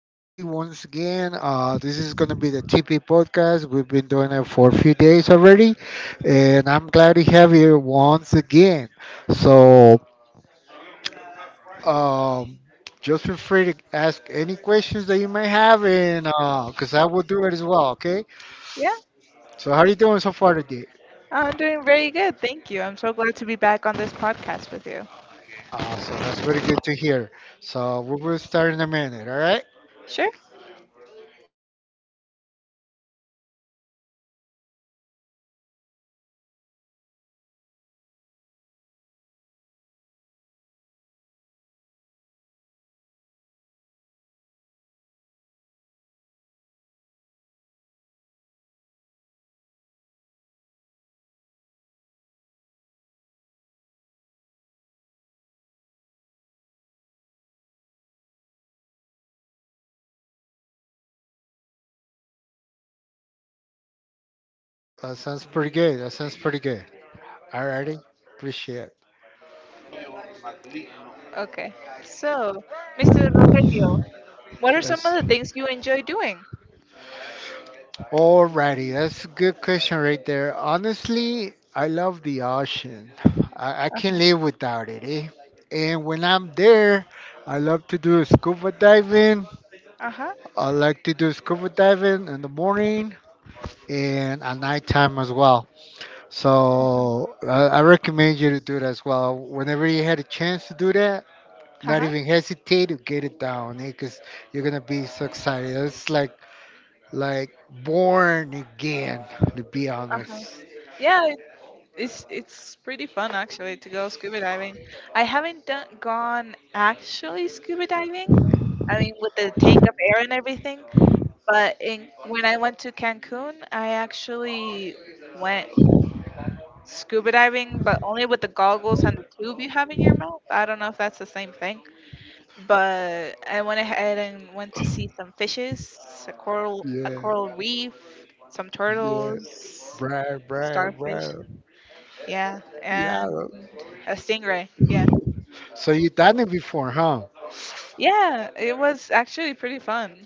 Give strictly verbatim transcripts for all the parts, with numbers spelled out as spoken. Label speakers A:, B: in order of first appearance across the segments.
A: Nancy, once again. Uh, this is going to be the T P podcast. We've been doing it for a few days already, and I'm glad to have you here once again. So, um, just feel free to ask any questions that you may have, and because I will do it as well, okay?
B: Yeah,
A: So, how are you doing so far today?
B: I'm doing very good. Thank you. I'm so glad to be back on this podcast with you.
A: Awesome. That's very good to hear. So, we will start in a minute, all right?
B: Sure?
A: That sounds pretty good. That sounds pretty good. All righty. Appreciate it.
B: Okay. So, mister Rogelio, what are some
A: Yes.
B: of the things you enjoy doing?
A: Alrighty, that's a good question right there. Honestly, I love the ocean. I, I can't
B: Uh-huh.
A: live without it, eh? And when I'm there, I love to do scuba diving.
B: Uh-huh.
A: I like to do scuba diving in the morning and at nighttime as well. So I I recommend you to do that as well. Whenever you had a chance to do that, not
B: Uh-huh.
A: even hesitate to get it down, because you're gonna be so excited. It's like like born again, to be
B: Uh-huh.
A: honest.
B: Yeah, it- it's it's pretty fun actually to go scuba diving. I haven't done gone actually scuba diving. I mean, with the tank of air and everything. But in when I went to Cancun, I actually went scuba diving, but only with the goggles and the tube you have in your mouth. I don't know if that's the same thing, but I went ahead and went to see some fishes, a coral, a
A: Yeah,
B: coral reef, some
A: yeah,
B: turtles,
A: right, right,
B: starfish,
A: right.
B: yeah, and
A: Yeah.
B: a stingray. Yeah,
A: So you done it before, huh?
B: yeah, it was actually pretty fun.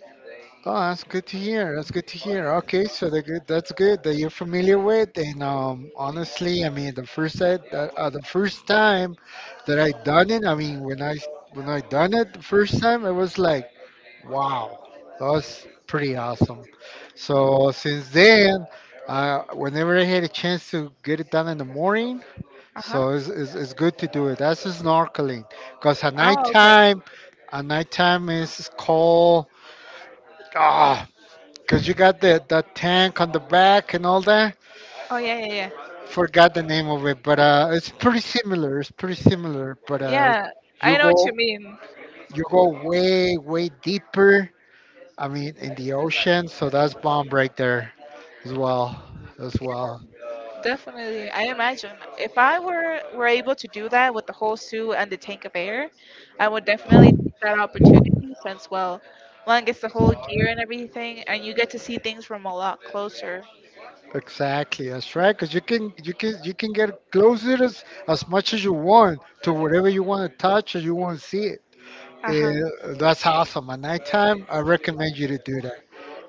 A: Oh, that's good to hear. That's good to hear. Okay, so the good that's good that you're familiar with. And um, honestly, I mean, the first time, uh, uh, the first time that I done it, I mean, when I when I done it the first time, I was like. Wow, that was pretty awesome. So since then, uh, whenever I had a chance to get it done in the morning,
B: Uh huh.
A: so it's, it's, it's good to do it. That's just snorkeling, because at
B: Oh, okay. Okay.
A: nighttime, at nighttime is cold. Ah, because you got the that tank on the back and all that.
B: Oh yeah, yeah, yeah.
A: Forgot the name of it, but uh, it's pretty similar. It's pretty similar, but uh,
B: Yeah, I
A: you
B: know what you
A: go
B: mean.
A: you go way way deeper. I mean, in the ocean, so that's bomb right there. as well as well
B: Definitely, I imagine if I were were able to do that with the whole suit and the tank of air, I would definitely take that opportunity since, well, one gets the whole gear and everything, and you get to see things from a lot closer.
A: Exactly, that's right, because you can you can you can get closer as as much as you want to whatever you want to touch or you want to see it.
B: Uh huh.
A: Eh, that's awesome. At nighttime, I recommend you to do that.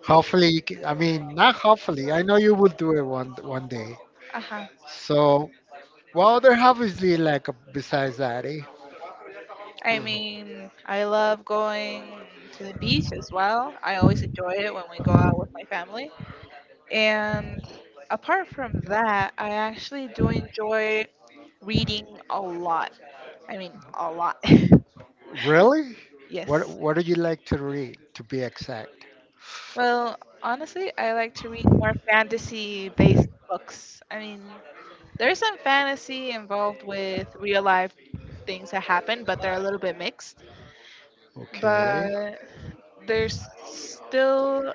A: Hopefully you can, i mean not hopefully, I know you will do it one one day
B: Uh huh.
A: So what other hobbies do you like, uh, besides that, eh?
B: I mean, I love going to the beach as well. I always enjoy it when we go out with my family. And apart from that, I actually do enjoy reading a lot. I mean, a lot.
A: Really? what
B: Yes.
A: what do you like to read, to be exact?
B: Well, honestly, I like to read more fantasy based books. I mean, there's some fantasy involved with real life things that happen, but they're a little bit mixed.
A: Okay,
B: But there's still,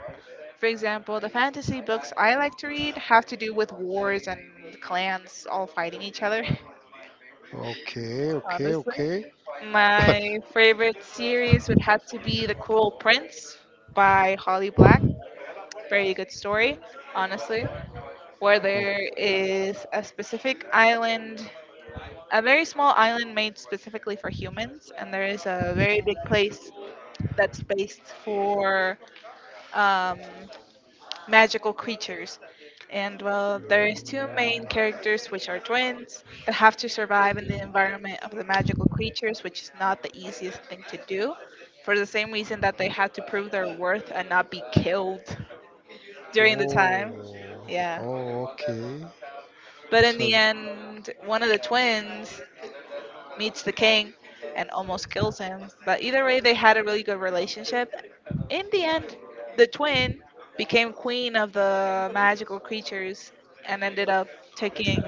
B: for example, the fantasy books I like to read have to do with wars and clans all fighting each other,
A: okay, okay.
B: honestly.
A: Okay.
B: My favorite series would have to be The Cruel Prince by Holly Black. Very good story, honestly, where there is a specific island, a very small island made specifically for humans, and there is a very big place that's based for um, magical creatures. And well, there is two main characters which are twins that have to survive in the environment of the magical creatures, which is not the easiest thing to do. For the same reason that they had to prove their worth and not be killed during the time.
A: Oh,
B: Yeah.
A: oh, okay.
B: But in
A: So
B: the end, one of the twins meets the king and almost kills him. But either way, they had a really good relationship. In the end, the twin became queen of the magical creatures and ended up taking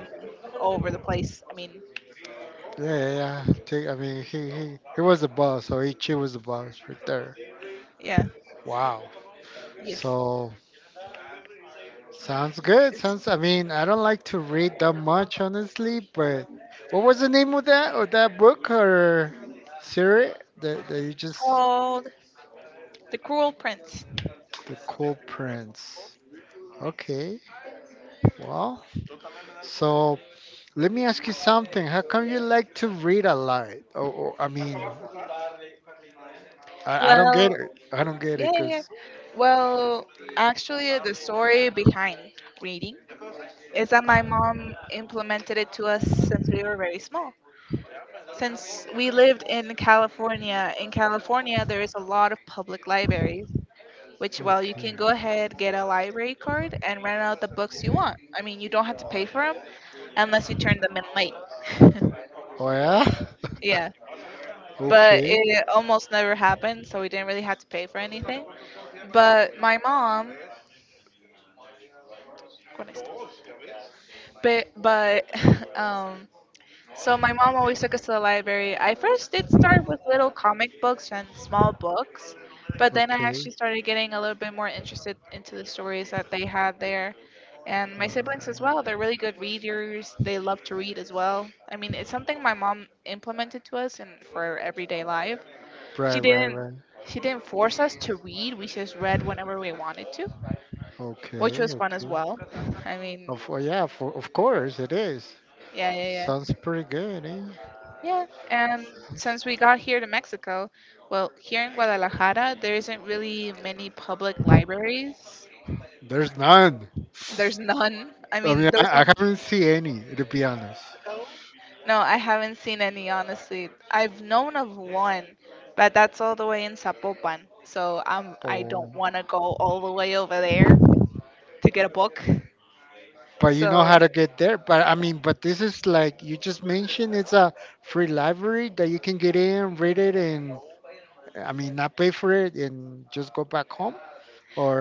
B: over the place. I mean,
A: yeah, yeah, yeah. Take, I mean, he he he was the boss, so Ichi was the boss right there.
B: yeah,
A: Wow.
B: yes.
A: So sounds good. Sounds. I mean, I don't like to read that much, honestly. But what was the name of that of that book or series that that you just...
B: Called The Cruel Prince.
A: The Cool Prince? Okay. Well, so let me ask you something. How come you like to read a lot? Or, or I mean, I, I don't get it.
B: Well,
A: I don't get
B: yeah,
A: it.
B: yeah, yeah.
A: Cause
B: Well, actually, the story behind reading is that my mom implemented it to us since we were very small. Since we lived in California, in California there is a lot of public libraries, which, well, you
A: okay.
B: can go ahead get a library card and rent out the books you want. I mean, you don't have to pay for them unless you turn them in late.
A: Oh yeah.
B: Yeah, but
A: Okay.
B: it almost never happened, so we didn't really have to pay for anything. But my mom, but but um, so my mom always took us to the library. I first did start with little comic books and small books, but then I
A: Okay.
B: actually started getting a little bit more interested into the stories that they had there. And
A: All
B: my siblings as
A: right.
B: well, they're really good readers. They love to read as well. I mean, it's something my mom implemented to us and for our everyday life. She
A: Right. Right.
B: didn't
A: Right.
B: she didn't force us to read. We just read whenever we wanted to, which
A: Okay.
B: was fun as
A: Okay.
B: well. I mean,
A: Of oh, yeah. For, of course it is.
B: yeah, yeah, yeah.
A: Sounds pretty good. Eh?
B: Yeah, and since we got here to Mexico, well, here in Guadalajara, there isn't really many public libraries.
A: There's none.
B: There's none. I
A: I
B: mean,
A: mean,
B: there's
A: I, I
B: one.
A: haven't seen any, to be honest.
B: No, I haven't seen any, honestly. I've known of one, but that's all the way in Zapopan. So um, I don't
A: Oh.
B: want to go all the way over there to get a book.
A: But you know how
B: So
A: to get there. But I mean, but this is like you just mentioned. It's a free library that you can get in, read it, and I mean, not pay for it, and just go back home.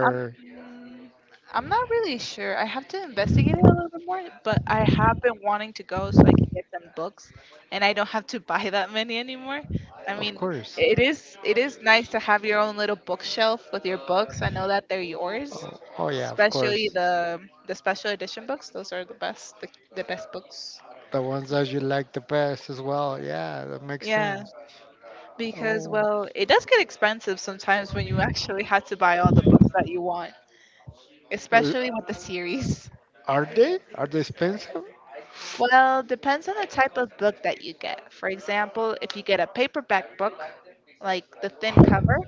B: Um, mm, I'm not really sure. I have to investigate it a little bit more, but I have been wanting to go so I can get some books, and I don't have to buy that many anymore. I
A: of
B: mean,
A: course.
B: it is it is nice to have your own little bookshelf with your books. I know that they're yours,
A: Oh, oh, yeah, of
B: especially
A: course.
B: the the special edition books. Those are the best the, the best books.
A: The ones that you like the best as well. Yeah, that makes
B: Yeah,
A: sense.
B: because,
A: Oh,
B: well, it does get expensive sometimes when you actually have to buy all the books that you want,
A: uh,
B: especially with the series.
A: are they? Are they expensive?
B: Well, depends on the type of book that you get. For example, if you get a paperback book, like the thin cover,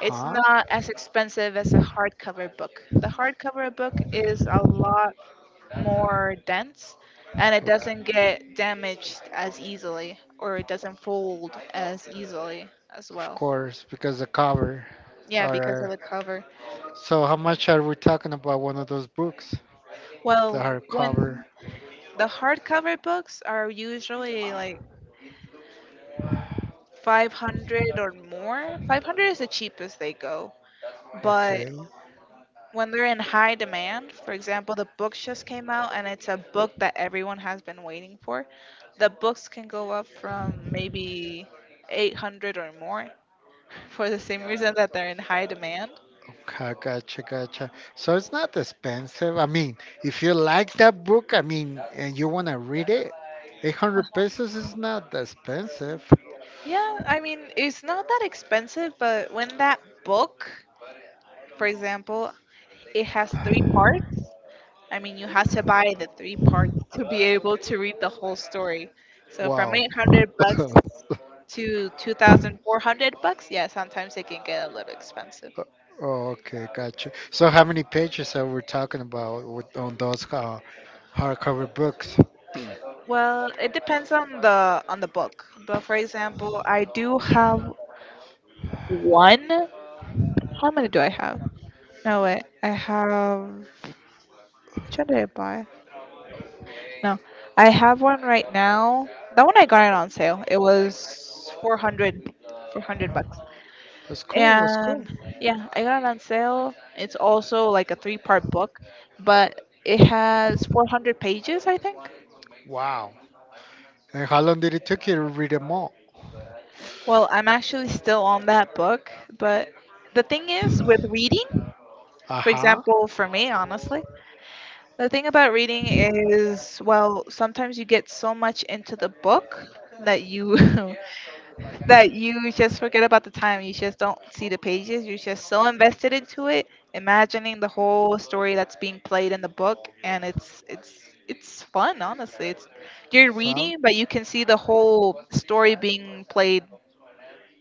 B: it's not as expensive as a hardcover book. The hardcover book is a lot more dense and it doesn't
A: Okay.
B: get damaged as easily or it doesn't fold as easily as
A: Of
B: well.
A: course, because the cover.
B: Yeah,
A: All
B: because of
A: right.
B: the cover.
A: So how much are we talking about one of those books? The
B: Well,
A: hardcover.
B: when the hardcover books are usually like five hundred or more, five hundred is the cheapest they go. But
A: Okay.
B: when they're in high demand, for example, the books just came out and it's a book that everyone has been waiting for, the books can go up from maybe eight hundred or more for the same reason that they're in high demand.
A: Okay, gotcha, gotcha. So it's not expensive. I mean, if you like that book, I mean, and you want to read it, eight hundred pesos is not that expensive.
B: Yeah, I mean, it's not that expensive, but when that book, for example, it has three parts, I mean, you have to buy the three parts to be able to read the whole story. So from
A: Wow.
B: eight hundred bucks to two thousand four hundred bucks, yeah, sometimes it can get a little expensive.
A: Okay, gotcha. So how many pages are we talking about with, on those uh, hardcover books?
B: Well, it depends on the on the book. But for example, I do have one. How many do I have? No, wait. I have. Which one did I buy? No, I have one right now. That one I got it on sale. It was four hundred, four hundred bucks.
A: That's cool. That's cool.
B: And yeah, I got it on sale. It's also like a three-part book, but it has four hundred pages, I think.
A: Wow. And how long did it take you to read them all?
B: Well, I'm actually still on that book, but the thing is with reading,
A: Uh
B: for
A: huh.
B: example, for me, honestly, the thing about reading is, well, sometimes you get so much into the book that you that you just forget about the time. You just don't see the pages. You're just so invested into it, imagining the whole story that's being played in the book, and it's it's it's fun, honestly. It's you're
A: Sound
B: reading, but you can see the whole story being played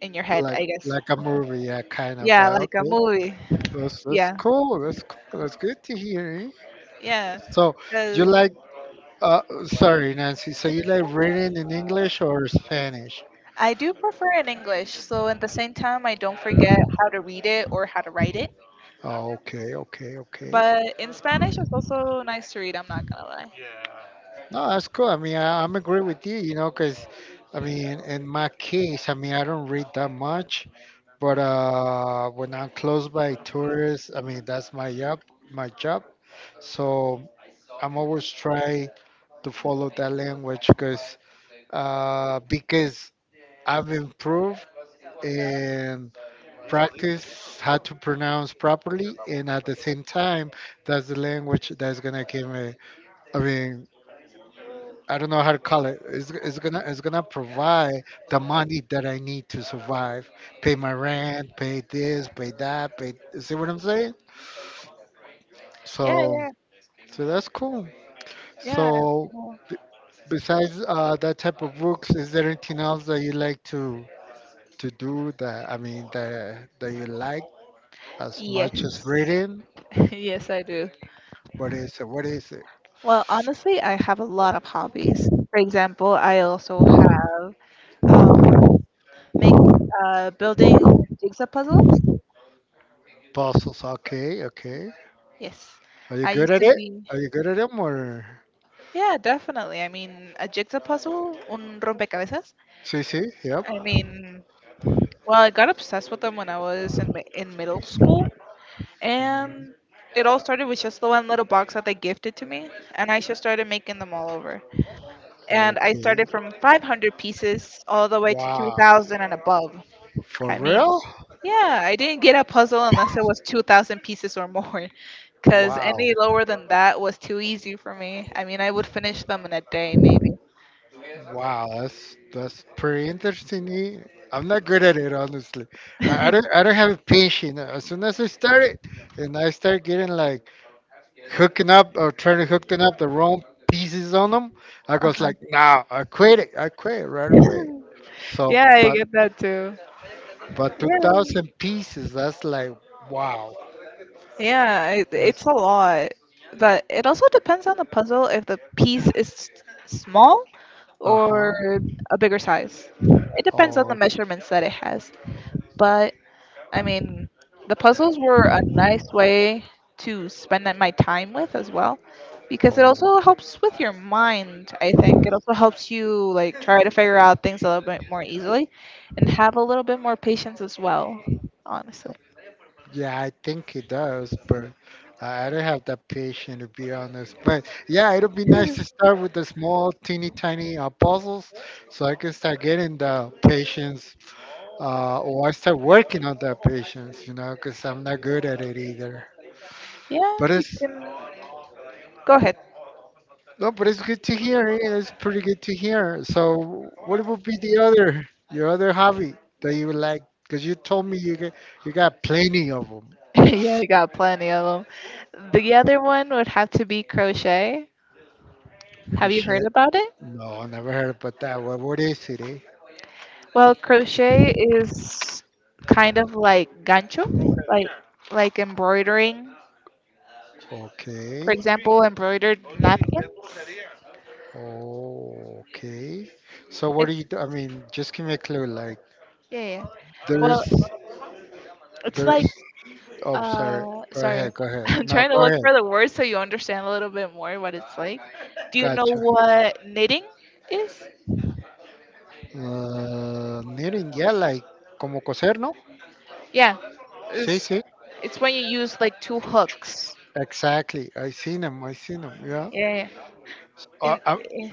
B: in your head,
A: like
B: I guess.
A: like a movie, yeah, kind of.
B: Yeah,
A: Uh,
B: like a
A: okay.
B: movie.
A: That's that's
B: Yeah,
A: cool. That's cool. That's good to hear, eh?
B: yeah.
A: So you
B: Because
A: like, uh sorry Nancy. So you like reading in English or Spanish?
B: I do prefer in English, so at the same time, I don't forget how to read it or how to write it.
A: Oh, okay, okay, okay.
B: But in Spanish, it's also nice to read. I'm not gonna lie.
A: No, that's cool. I mean, I, I'm agree with you, you know, because I mean, in my case, I mean, I don't read that much, but uh, when I'm close by tourists, I mean, that's my job, my job. So I'm always try to follow that language because uh, because I've improved and practice how to pronounce properly, and at the same time, that's the language that's gonna give me, I mean, I don't know how to call it. It's, it's gonna it's gonna provide the money that I need to survive, pay my rent, pay this, pay that, pay. See what I'm saying?
B: Yeah,
A: So
B: yeah,
A: so that's cool.
B: yeah. It's
A: So
B: cool.
A: b- besides uh, that type of books, is there anything else that you like to to do that I mean that that you like as much as
B: Yes.
A: reading?
B: Yes, I do.
A: What is it? What is it?
B: Well, honestly, I have a lot of hobbies. For example, I also have um, make uh, building jigsaw puzzles.
A: Puzzles. Okay, okay.
B: Yes.
A: Are you
B: I
A: good
B: used
A: at
B: to
A: it?
B: be,
A: Are you good at them or?
B: yeah, definitely. I mean, a jigsaw puzzle, un rompecabezas.
A: See, see. Yep.
B: I mean, well, I got obsessed with them when I was in mi- in middle school, and it all started with just the one little box that they gifted to me, and I just started making them all over. And I
A: Okay.
B: started from five hundred pieces all the way to
A: Wow.
B: two thousand and above.
A: For
B: I mean,
A: real?
B: yeah, I didn't get a puzzle unless it was two thousand pieces or more, because
A: Wow.
B: any lower than that was too easy for me. I mean, I would finish them in a day, maybe.
A: Wow, that's that's pretty interesting, eh? I'm not good at it, honestly. I, I don't I don't have a patience. As soon as I start it, and I start getting like hooking up or trying to hook them up the wrong pieces on them, I goes
B: Uh-huh.
A: like, nah, I quit it. I quit right away. So,
B: Yeah, I
A: but
B: get that too.
A: but
B: Yeah,
A: two thousand pieces, that's like, wow.
B: yeah, it, it's
A: That's
B: a lot. But it also depends on the puzzle if the piece is s- small
A: uh huh.
B: or a bigger size. It depends on the
A: oh.
B: measurements that it has. But I mean, the puzzles were a nice way to spend that- my time with as well, because it also helps with your mind. I think it also helps you like try to figure out things a little bit more easily, and have a little bit more patience as well. Honestly,
A: Yeah, I think it does, but I I don't have that patience, to be honest. But yeah, it'll be nice to start with the small, teeny tiny uh, puzzles so I can start getting the patience, uh, or I start working on that patience, you know, because I'm not good at it either.
B: yeah,
A: But
B: you
A: it's
B: can go ahead.
A: No, but it's good to hear, eh. It's pretty good to hear. So, what would be the other, your other hobby that you would like? Because you told me you got, you got plenty of them.
B: Yeah, I got plenty of them. The other one would have to be crochet. Have you heard about it?
A: No, never heard about that. What, what is it, eh?
B: Well, crochet is kind of like gancho, like like embroidering. For
A: Okay.
B: example, embroidered napkins.
A: Oh, okay. So what do you
B: It's
A: do? I mean, just give me a clue. Like,
B: yeah, yeah. Well,
A: there's,
B: it's like
A: there's. Oh, sorry.
B: uh,
A: Go
B: sorry,
A: ahead. Go ahead.
B: I'm
A: No,
B: trying to
A: go
B: look
A: ahead.
B: for the word so you understand a little bit more what it's like. Do you know
A: Gotcha.
B: what knitting is?
A: Uh, knitting. Yeah, like como coser, ¿no?
B: Yeah,
A: Sí,
B: it's
A: sí.
B: it's when you use like two hooks.
A: Exactly. I seen him. I seen him. Yeah.
B: Yeah, yeah.
A: Uh,
B: In,
A: uh,
B: in,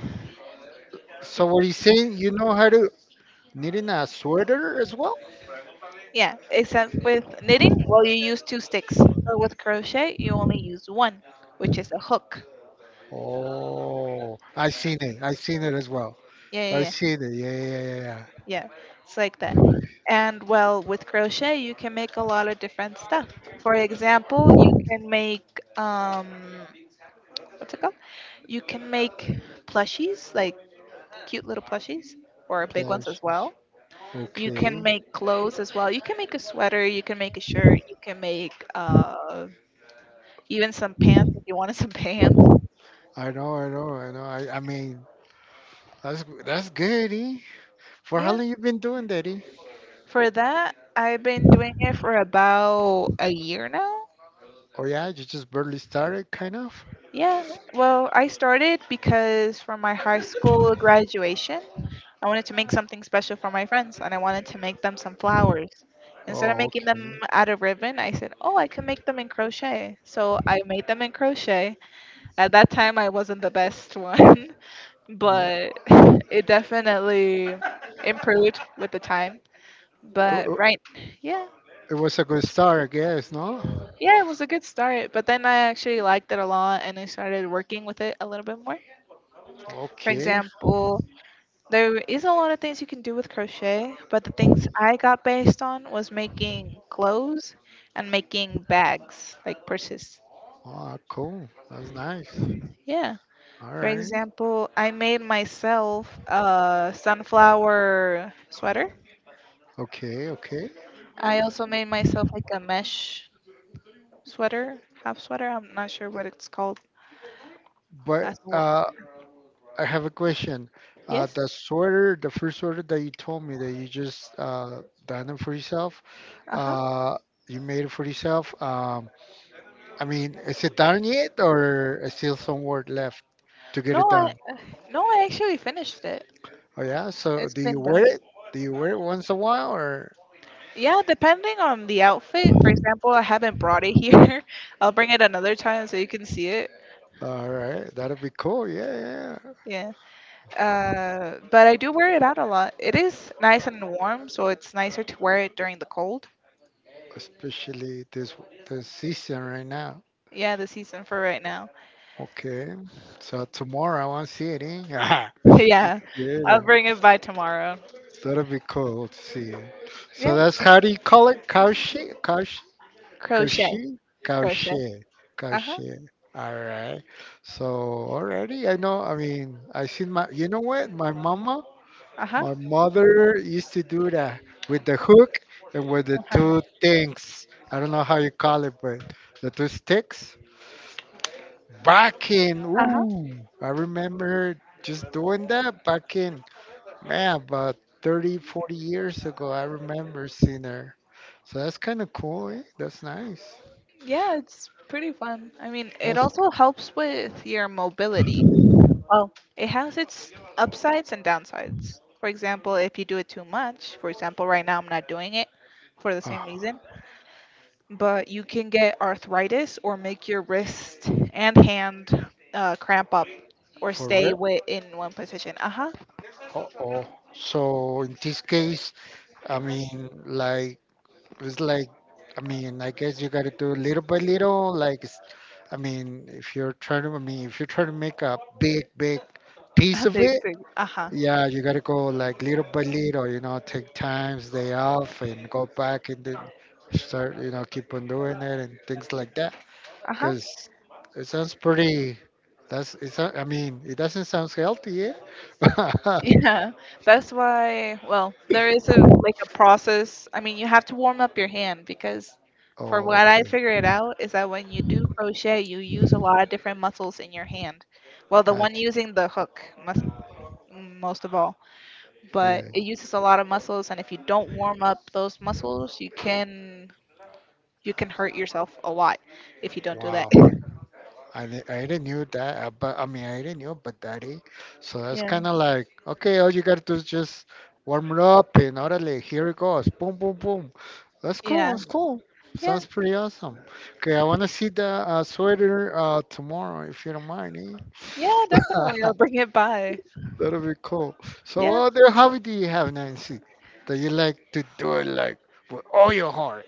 A: so what he's saying, you know how to knitting a sweater as well?
B: yeah, except with knitting, well, you use two sticks. But with crochet, you only use one, which is a hook.
A: Oh, I seen it. I seen it as well.
B: Yeah, yeah,
A: I
B: yeah,
A: seen it. Yeah, yeah, yeah, yeah.
B: yeah. It's like that. And well, with crochet, you can make a lot of different stuff. For example, you can make um, what's it called? You can make plushies, like cute little plushies, or big ones as
A: Plushies.
B: well. You
A: Okay.
B: can make clothes as well. You can make a sweater. You can make a shirt. You can make uh, even some pants if you wanted some pants.
A: I know, I know, I know. I, I mean, that's that's good, eh? For how
B: Yeah.
A: long you been doing that, eh?
B: For that, I've been doing it for about a year now.
A: Oh yeah, you just barely started, kind of.
B: Yeah, well, I started because for my high school graduation, I wanted to make something special for my friends and I wanted to make them some flowers. Instead of
A: Oh,
B: making them
A: okay.
B: out of ribbon, I said, "Oh, I can make them in crochet." So I made them in crochet. At that time, I wasn't the best one,
A: Nope.
B: but it definitely improved with the time.
A: It,
B: But
A: it
B: right, yeah,
A: it was a good start, I guess. No.
B: yeah, it was a good start, but then I actually liked it a lot and I started working with it a little bit more. For
A: Okay.
B: example, there is a lot of things you can do with crochet, but the things I got based on was making clothes and making bags, like purses.
A: Ah, cool. That's nice.
B: Yeah.
A: All
B: For
A: right.
B: example, I made myself a sunflower sweater.
A: Okay, okay.
B: I also made myself like a mesh sweater, half sweater. I'm not sure what it's called.
A: But
B: That's what.
A: uh, I have a question. Uh,
B: Yes.
A: the sweater, the first sweater that you told me that you just uh, done it for yourself,
B: Uh huh.
A: uh, you made it for yourself. Um, I mean, is it done yet, or is still some work left to get
B: No,
A: it
B: I
A: done?
B: no, I actually finished it.
A: Oh yeah. So
B: It's
A: do you
B: been
A: wear
B: done.
A: it? Do you wear it once a while, or?
B: Yeah, depending on the outfit. For example, I haven't brought it here. I'll bring it another time so you can see it.
A: All right, that'll be cool. Yeah, yeah.
B: Yeah. Uh, but I do wear it out a lot. It is nice and warm, so it's nicer to wear it during the cold.
A: Especially this this season right now.
B: Yeah, the season for right now.
A: Okay. So tomorrow I want to see it. Eh?
B: Yeah,
A: Yeah.
B: I'll bring it by tomorrow.
A: That'd be cool to see it. So
B: Yeah,
A: that's how do you call it? Kaushi? Kaushi?
B: crochet,
A: Kaushi?
B: crochet.
A: Kaushi.
B: Uh huh.
A: Kaushi. All right. So already I know. I mean, I seen my. You know what? My mama,
B: Uh huh.
A: my mother used to do that with the hook and with the
B: Uh
A: two
B: huh.
A: things. I don't know how you call it, but the two sticks. Back in.
B: Uh huh.
A: Ooh, I remember just doing that back in, man, about thirty, forty years ago, I remember seeing her. So that's kind of cool, eh? That's nice.
B: Yeah, it's pretty fun. I mean, it
A: That's
B: also helps with your mobility. Well, it has its upsides and downsides. For example, if you do it too much, for example, right now I'm not doing it for the same
A: uh,
B: reason, but you can get arthritis or make your wrist and hand uh, cramp up or
A: for
B: stay
A: real.
B: wi- in one position. Uh huh.
A: Uh oh. So in this case, I mean, like it's like, I mean, I guess you gotta do little by little. Like, it's- I mean, if you're trying to, I mean, if you're trying to make a big, big piece
B: A
A: of
B: big,
A: it,
B: big. Uh huh.
A: yeah, you gotta go like little by little, you know, take times, day off, and go back and then start, you know, keep on doing it and things like that.
B: Uh huh.
A: Because it sounds pretty, that's, it's, not- I mean, it doesn't sound healthy, yeah?
B: Yeah, that's why. Well, there is a like a process. I mean, you have to warm up your hand because, for what I
A: Okay,
B: figured out, is that when you do crochet, you use a lot of different muscles in your hand. Well, the one
A: gotcha.
B: using the hook must most of all, but
A: Yeah,
B: it uses a lot of muscles, and if you don't warm up those muscles, you can you can hurt yourself a lot if you don't do that.
A: wow. I, di- I already knew that, uh, but I mean, I already knew, but daddy. So that's
B: Yeah,
A: kind of like, okay, all you got to do is just warm it up and orale, here it goes. Boom, boom, boom. That's cool.
B: yeah,
A: That's cool.
B: yeah,
A: Sounds pretty awesome. Okay, I want to see the uh, sweater uh, tomorrow, if you don't mind.
B: yeah. Definitely,
A: Eh?
B: I'll bring it by.
A: That'll be cool. So,
B: Yeah.
A: what other hobby do you have, Nancy, that you like to do it like with all your heart?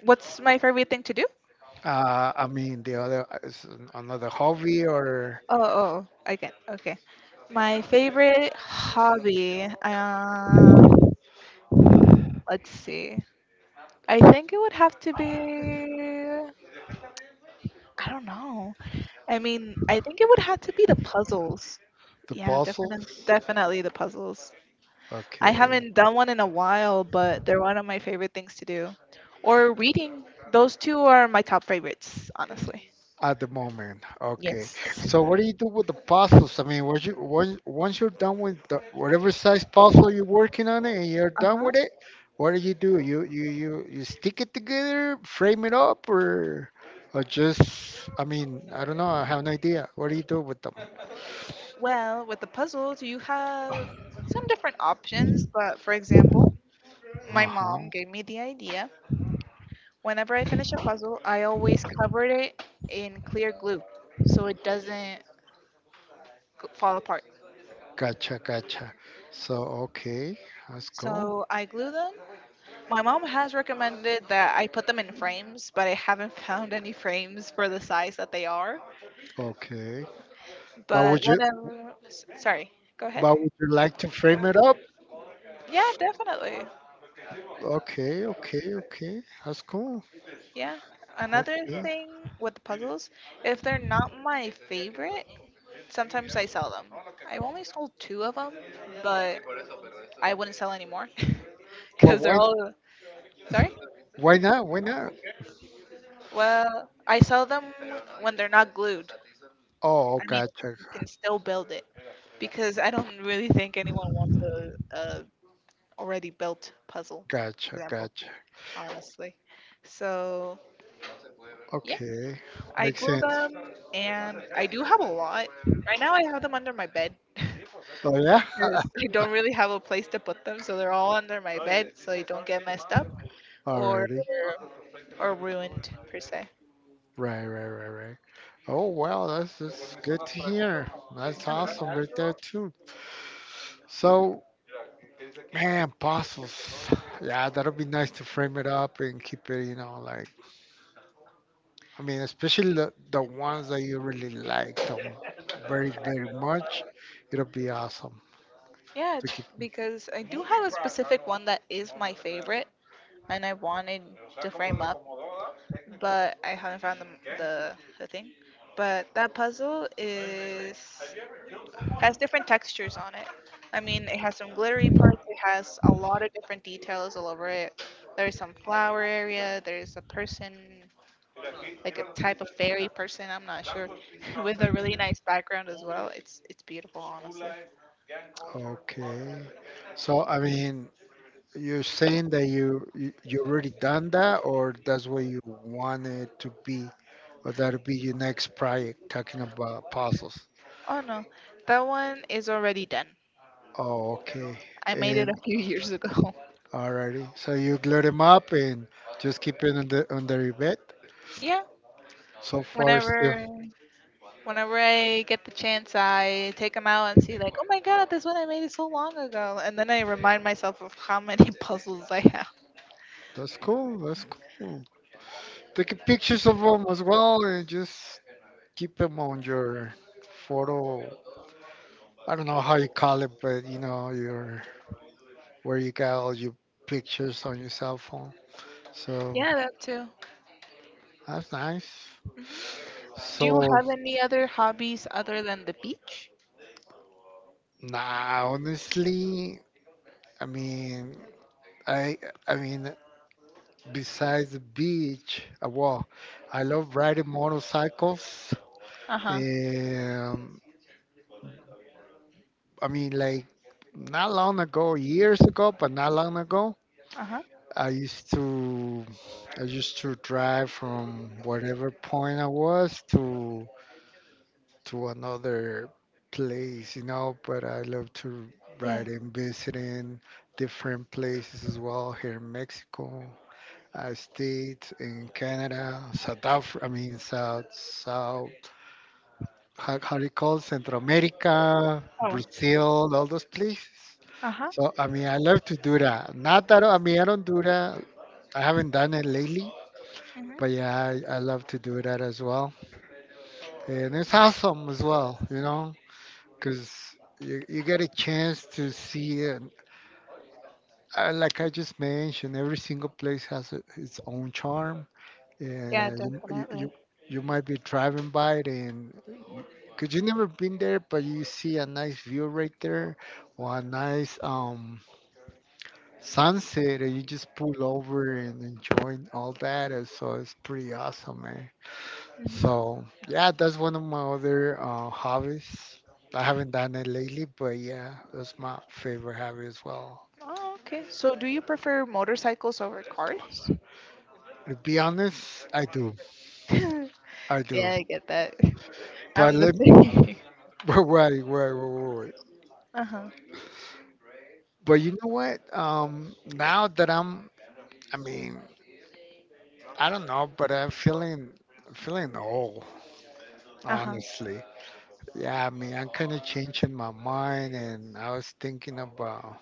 B: What's my favorite thing to do?
A: Uh, I mean, the other uh, is another hobby or
B: Oh, oh, I can. Okay. My favorite hobby. Uh, let's see. I think it would have to be. I don't know. I mean, I think it would have to be the puzzles.
A: the
B: Yeah,
A: puzzles?
B: definitely, definitely the puzzles. I
A: Okay,
B: haven't done one in a while, but they're one of my favorite things to do. Or reading. Those two are my top favorites, honestly.
A: at the moment, okay.
B: Yes.
A: So what do you do with the puzzles? I mean, what you, once once you're done with the, whatever size puzzle you're working on it and you're done
B: Uh-huh.
A: with it, what do you do? You you you you stick it together, frame it up, or or just I mean, I don't know. I have no idea. What do you do with them?
B: Well, with the puzzles, you have some different options, but for example, my
A: Uh-huh.
B: mom gave me the idea. Whenever I finish a puzzle, I always covered it in clear glue so it doesn't g- fall apart.
A: Gotcha, gotcha. So okay, that's cool.
B: So I glue them. My mom has recommended that I put them in frames, but I haven't found any frames for the size that they are.
A: Okay. But
B: But
A: would you
B: whenever, s- sorry, go ahead.
A: but would you like to frame it up?
B: Yeah, definitely.
A: Okay, okay, okay. That's cool.
B: Yeah. Another
A: Okay.
B: thing with puzzles, if they're not my favorite, sometimes I sell them. I only sold two of them, but I wouldn't sell anymore
A: But
B: because they're
A: why?
B: all. Sorry?
A: Why not? Why not?
B: Well, I sell them when they're not glued.
A: Oh,
B: I mean,
A: gotcha,
B: you can still build it because I don't really think anyone wants a, a already built puzzle, for
A: gotcha,
B: example,
A: gotcha.
B: honestly. So, yeah.
A: Okay,
B: I
A: makes
B: glue
A: sense.
B: them, and I do have a lot. Right now, I have them under my bed because
A: Oh yeah.
B: I don't really have a place to put them, so they're all under my bed, so they don't get messed up or
A: Alrighty.
B: or ruined per se.
A: Right, right, right, right. Oh well, that's just good to hear. That's awesome right there
B: Uh-huh.
A: too. So, man, puzzles. Yeah, that'll be nice to frame it up and keep it, you know, like I mean, especially the, the ones that you really like them very, very much. It'll be awesome
B: Yeah,
A: to keep.
B: because I do have a specific one that is my favorite, and I wanted to frame up, but I haven't found the the, the thing. But that puzzle is has different textures on it. I mean, it has some glittery parts. It has a lot of different details all over it. There's some flower area. There's a person, like a type of fairy person. I'm not sure, with a really nice background as well. It's it's beautiful, honestly.
A: Okay. So, I mean, you're saying that you you you already done that, or that's what you want it to be, or that'll be your next project talking about puzzles.
B: Oh no, that one is already done.
A: Oh, okay.
B: I made it a
A: And
B: few years ago.
A: alrighty. So you glued them up and just keep it under under your bed.
B: Yeah,
A: So far, still.
B: Whenever, whenever I get the chance, I take them out and see like, oh my god, this one I made it so long ago, and then I remind myself of how many puzzles I have.
A: That's cool. That's cool. Taking pictures of them as well, and just keep them on your photo. I don't know how you call it, but you know your where you got all your pictures on your cell phone. So
B: Yeah, that too.
A: that's nice.
B: Mhm. Do you
A: So
B: have any other hobbies other than the beach?
A: nah, honestly, I mean, I I mean, besides the beach, uh, well, I love riding motorcycles.
B: Uh huh.
A: Um, I mean, like not long ago, years ago, but not long ago,
B: Uh huh.
A: I used to I used to drive from whatever point I was to to another place, you know, but I love to
B: Yeah.
A: ride and visiting different places as well here in Mexico. I stayed in Canada, South Africa, I mean, South, South, how, how do you call it? Central America,
B: Oh.
A: Brazil, all those places.
B: Uh huh.
A: So, I mean, I love to do that. Not that, I mean, I don't do that. I haven't done it lately,
B: Mhm.
A: but yeah, I, I love to do that as well. And it's awesome as well, you know. Because you, you get a chance to see and uh, like I just mentioned, every single place has a, its own charm,
B: Yeah,
A: and you, you you
B: definitely.
A: you might be driving by it, and because you never been there, but you see a nice view right there or a nice um sunset, and you just pull over and enjoy all that. And so it's pretty awesome, man.
B: Mhm.
A: So yeah, that's one of my other uh, hobbies. I haven't done it lately, but yeah, that's my favorite hobby as well.
B: Oh, okay. So, do you prefer motorcycles over cars?
A: To be honest, I do, I
B: Yeah,
A: do.
B: I get that.
A: But
B: I'm the
A: let me,
B: same.
A: wait, wait, wait, wait, wait.
B: Uh huh.
A: But you know what? Um, now that I'm, I mean, I don't know, but I'm feeling, feeling old,
B: Uh huh.
A: honestly. Yeah, I mean, I'm kind of changing my mind, and I was thinking about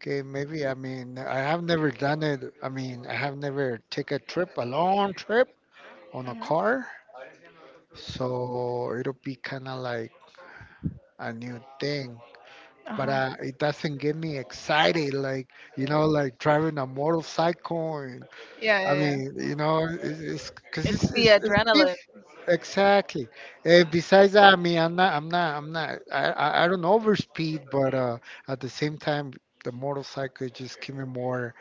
A: okay, maybe. I mean, I have never done it. I mean, I have never take a trip, a long trip on
B: Uh
A: a
B: huh.
A: car, so it'll be kind of like a new thing.
B: Uh
A: But
B: huh.
A: uh, it doesn't get me excited, like you know, like driving a motorcycle. And,
B: Yeah,
A: I
B: yeah,
A: mean, you know, it's it's because
B: it's
A: it's,
B: the
A: it's it's diff
B: adrenaline.
A: exactly. And besides that, I mean, I'm not, I'm not, I'm not. I I, I don't overspeed, but uh, at the same time, the motorcycle just give me more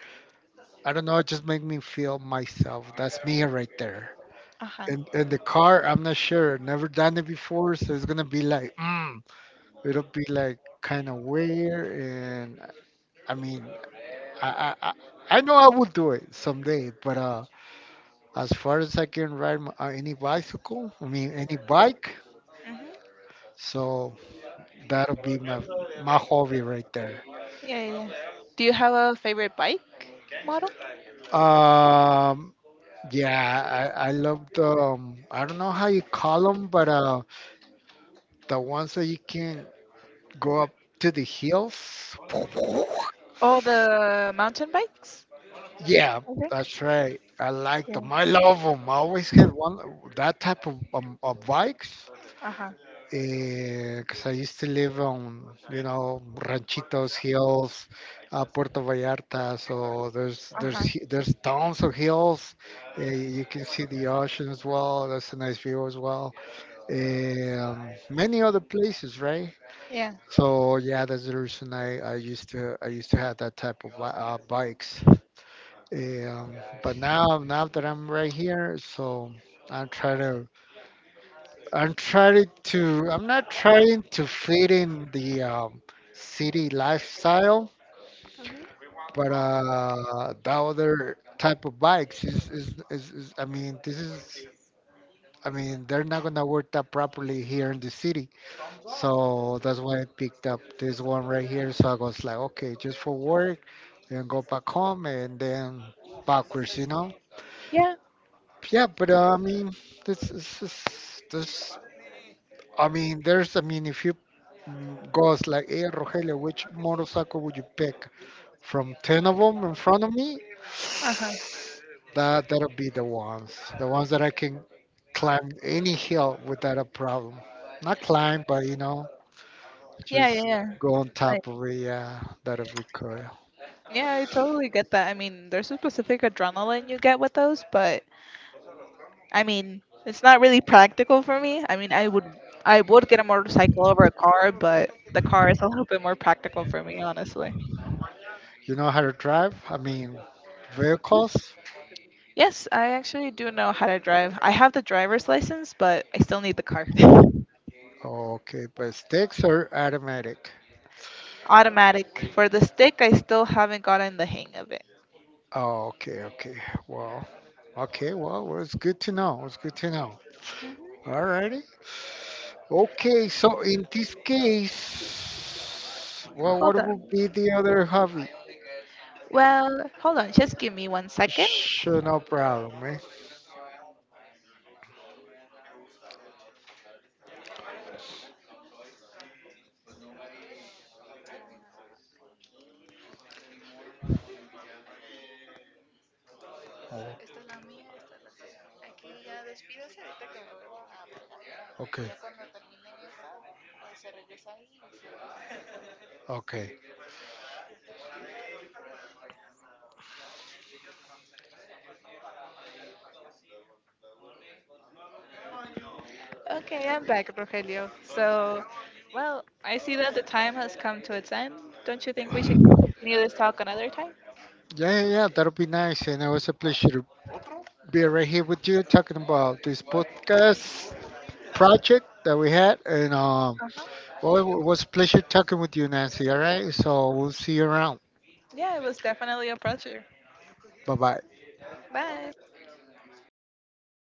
A: I don't know. It just make me feel myself. That's me right there.
B: Uh huh.
A: And and the car, I'm not sure. Never done it before, so it's gonna be like, mm, it'll be like kind of weird. And I mean, I I I I know I will do it someday. But uh, as far as I can ride my, uh, any bicycle, I mean any bike,
B: Hmm.
A: so that'll be my my hobby right there.
B: Yeah, yeah. Do you have a favorite bike model?
A: Um, yeah, I I love the um, I don't know how you call them, but um the ones that you can go up to the hills.
B: Oh, the mountain bikes,
A: Yeah,
B: I think.
A: that's right. I like
B: Yeah.
A: them. I love them. I always had one that type of um, of bikes.
B: Uh huh.
A: Because I used to live on, you know, Ranchitos hills, uh, Puerto Vallarta. So there's
B: Uh
A: there's
B: huh.
A: hi- there's tons of hills. Uh, you can see the ocean as well. That's a nice view as well. Eh, Um, many other places, right?
B: Yeah.
A: So yeah, that's the reason I, I used to I used to have that type of li- uh, bikes. Um, but now now that I'm right here, so I'm trying to I'm trying to I'm not trying to fit in the um, city lifestyle,
B: Hmm.
A: but uh, the other type of bikes is, is, is, is I mean this is I mean they're not gonna work that properly here in the city. So that's why I picked up this one right here. So I was like, okay, just for work, then go back home and then backwards, you know?
B: Yeah.
A: Yeah, but uh, I mean, this is this, this. I mean, there's. I mean, if you mm, goes like, hey, Rogelio, which motorcycle would you pick from ten of them in front of me?
B: Uh huh.
A: That that'll be the ones, the ones that I can climb any hill without a problem. Not climb, but you know,
B: Yeah,
A: just
B: yeah, yeah.
A: go on
B: Like,
A: top of it. Yeah, that'll be cool.
B: yeah, I totally get that. I mean, there's a specific adrenaline you get with those, but I mean, it's not really practical for me. I mean, I would, I would get a motorcycle over a car, but the car is a little bit more practical for me, honestly.
A: You know how to drive? I mean, vehicles?
B: Yes, I actually do know how to drive. I have the driver's license, but I still need the car.
A: Okay, but sticks are automatic.
B: Automatic. For the stick, I still haven't gotten the hang of it.
A: Oh, okay, okay. Well, okay, well, well, it's good to know. It's good to know. Alrighty. Okay, so in this case, well,
B: Hold
A: what
B: on.
A: would be the other hobby?
B: Well, hold on. Just give me one second.
A: Sure, no problem, eh? Oh, okay, okay.
B: Okay, I'm back, Rogelio. So, well, I see that the time has come to its end. Don't you think we should continue this talk another time?
A: Yeah, yeah, yeah, that'll be nice. And it was a pleasure to be right here with you talking about this podcast project that we had. And um,
B: Uh-huh.
A: well, it was a pleasure talking with you, Nancy. All right. So we'll see you around.
B: Yeah, it was definitely a pleasure.
A: Bye bye.
B: Bye.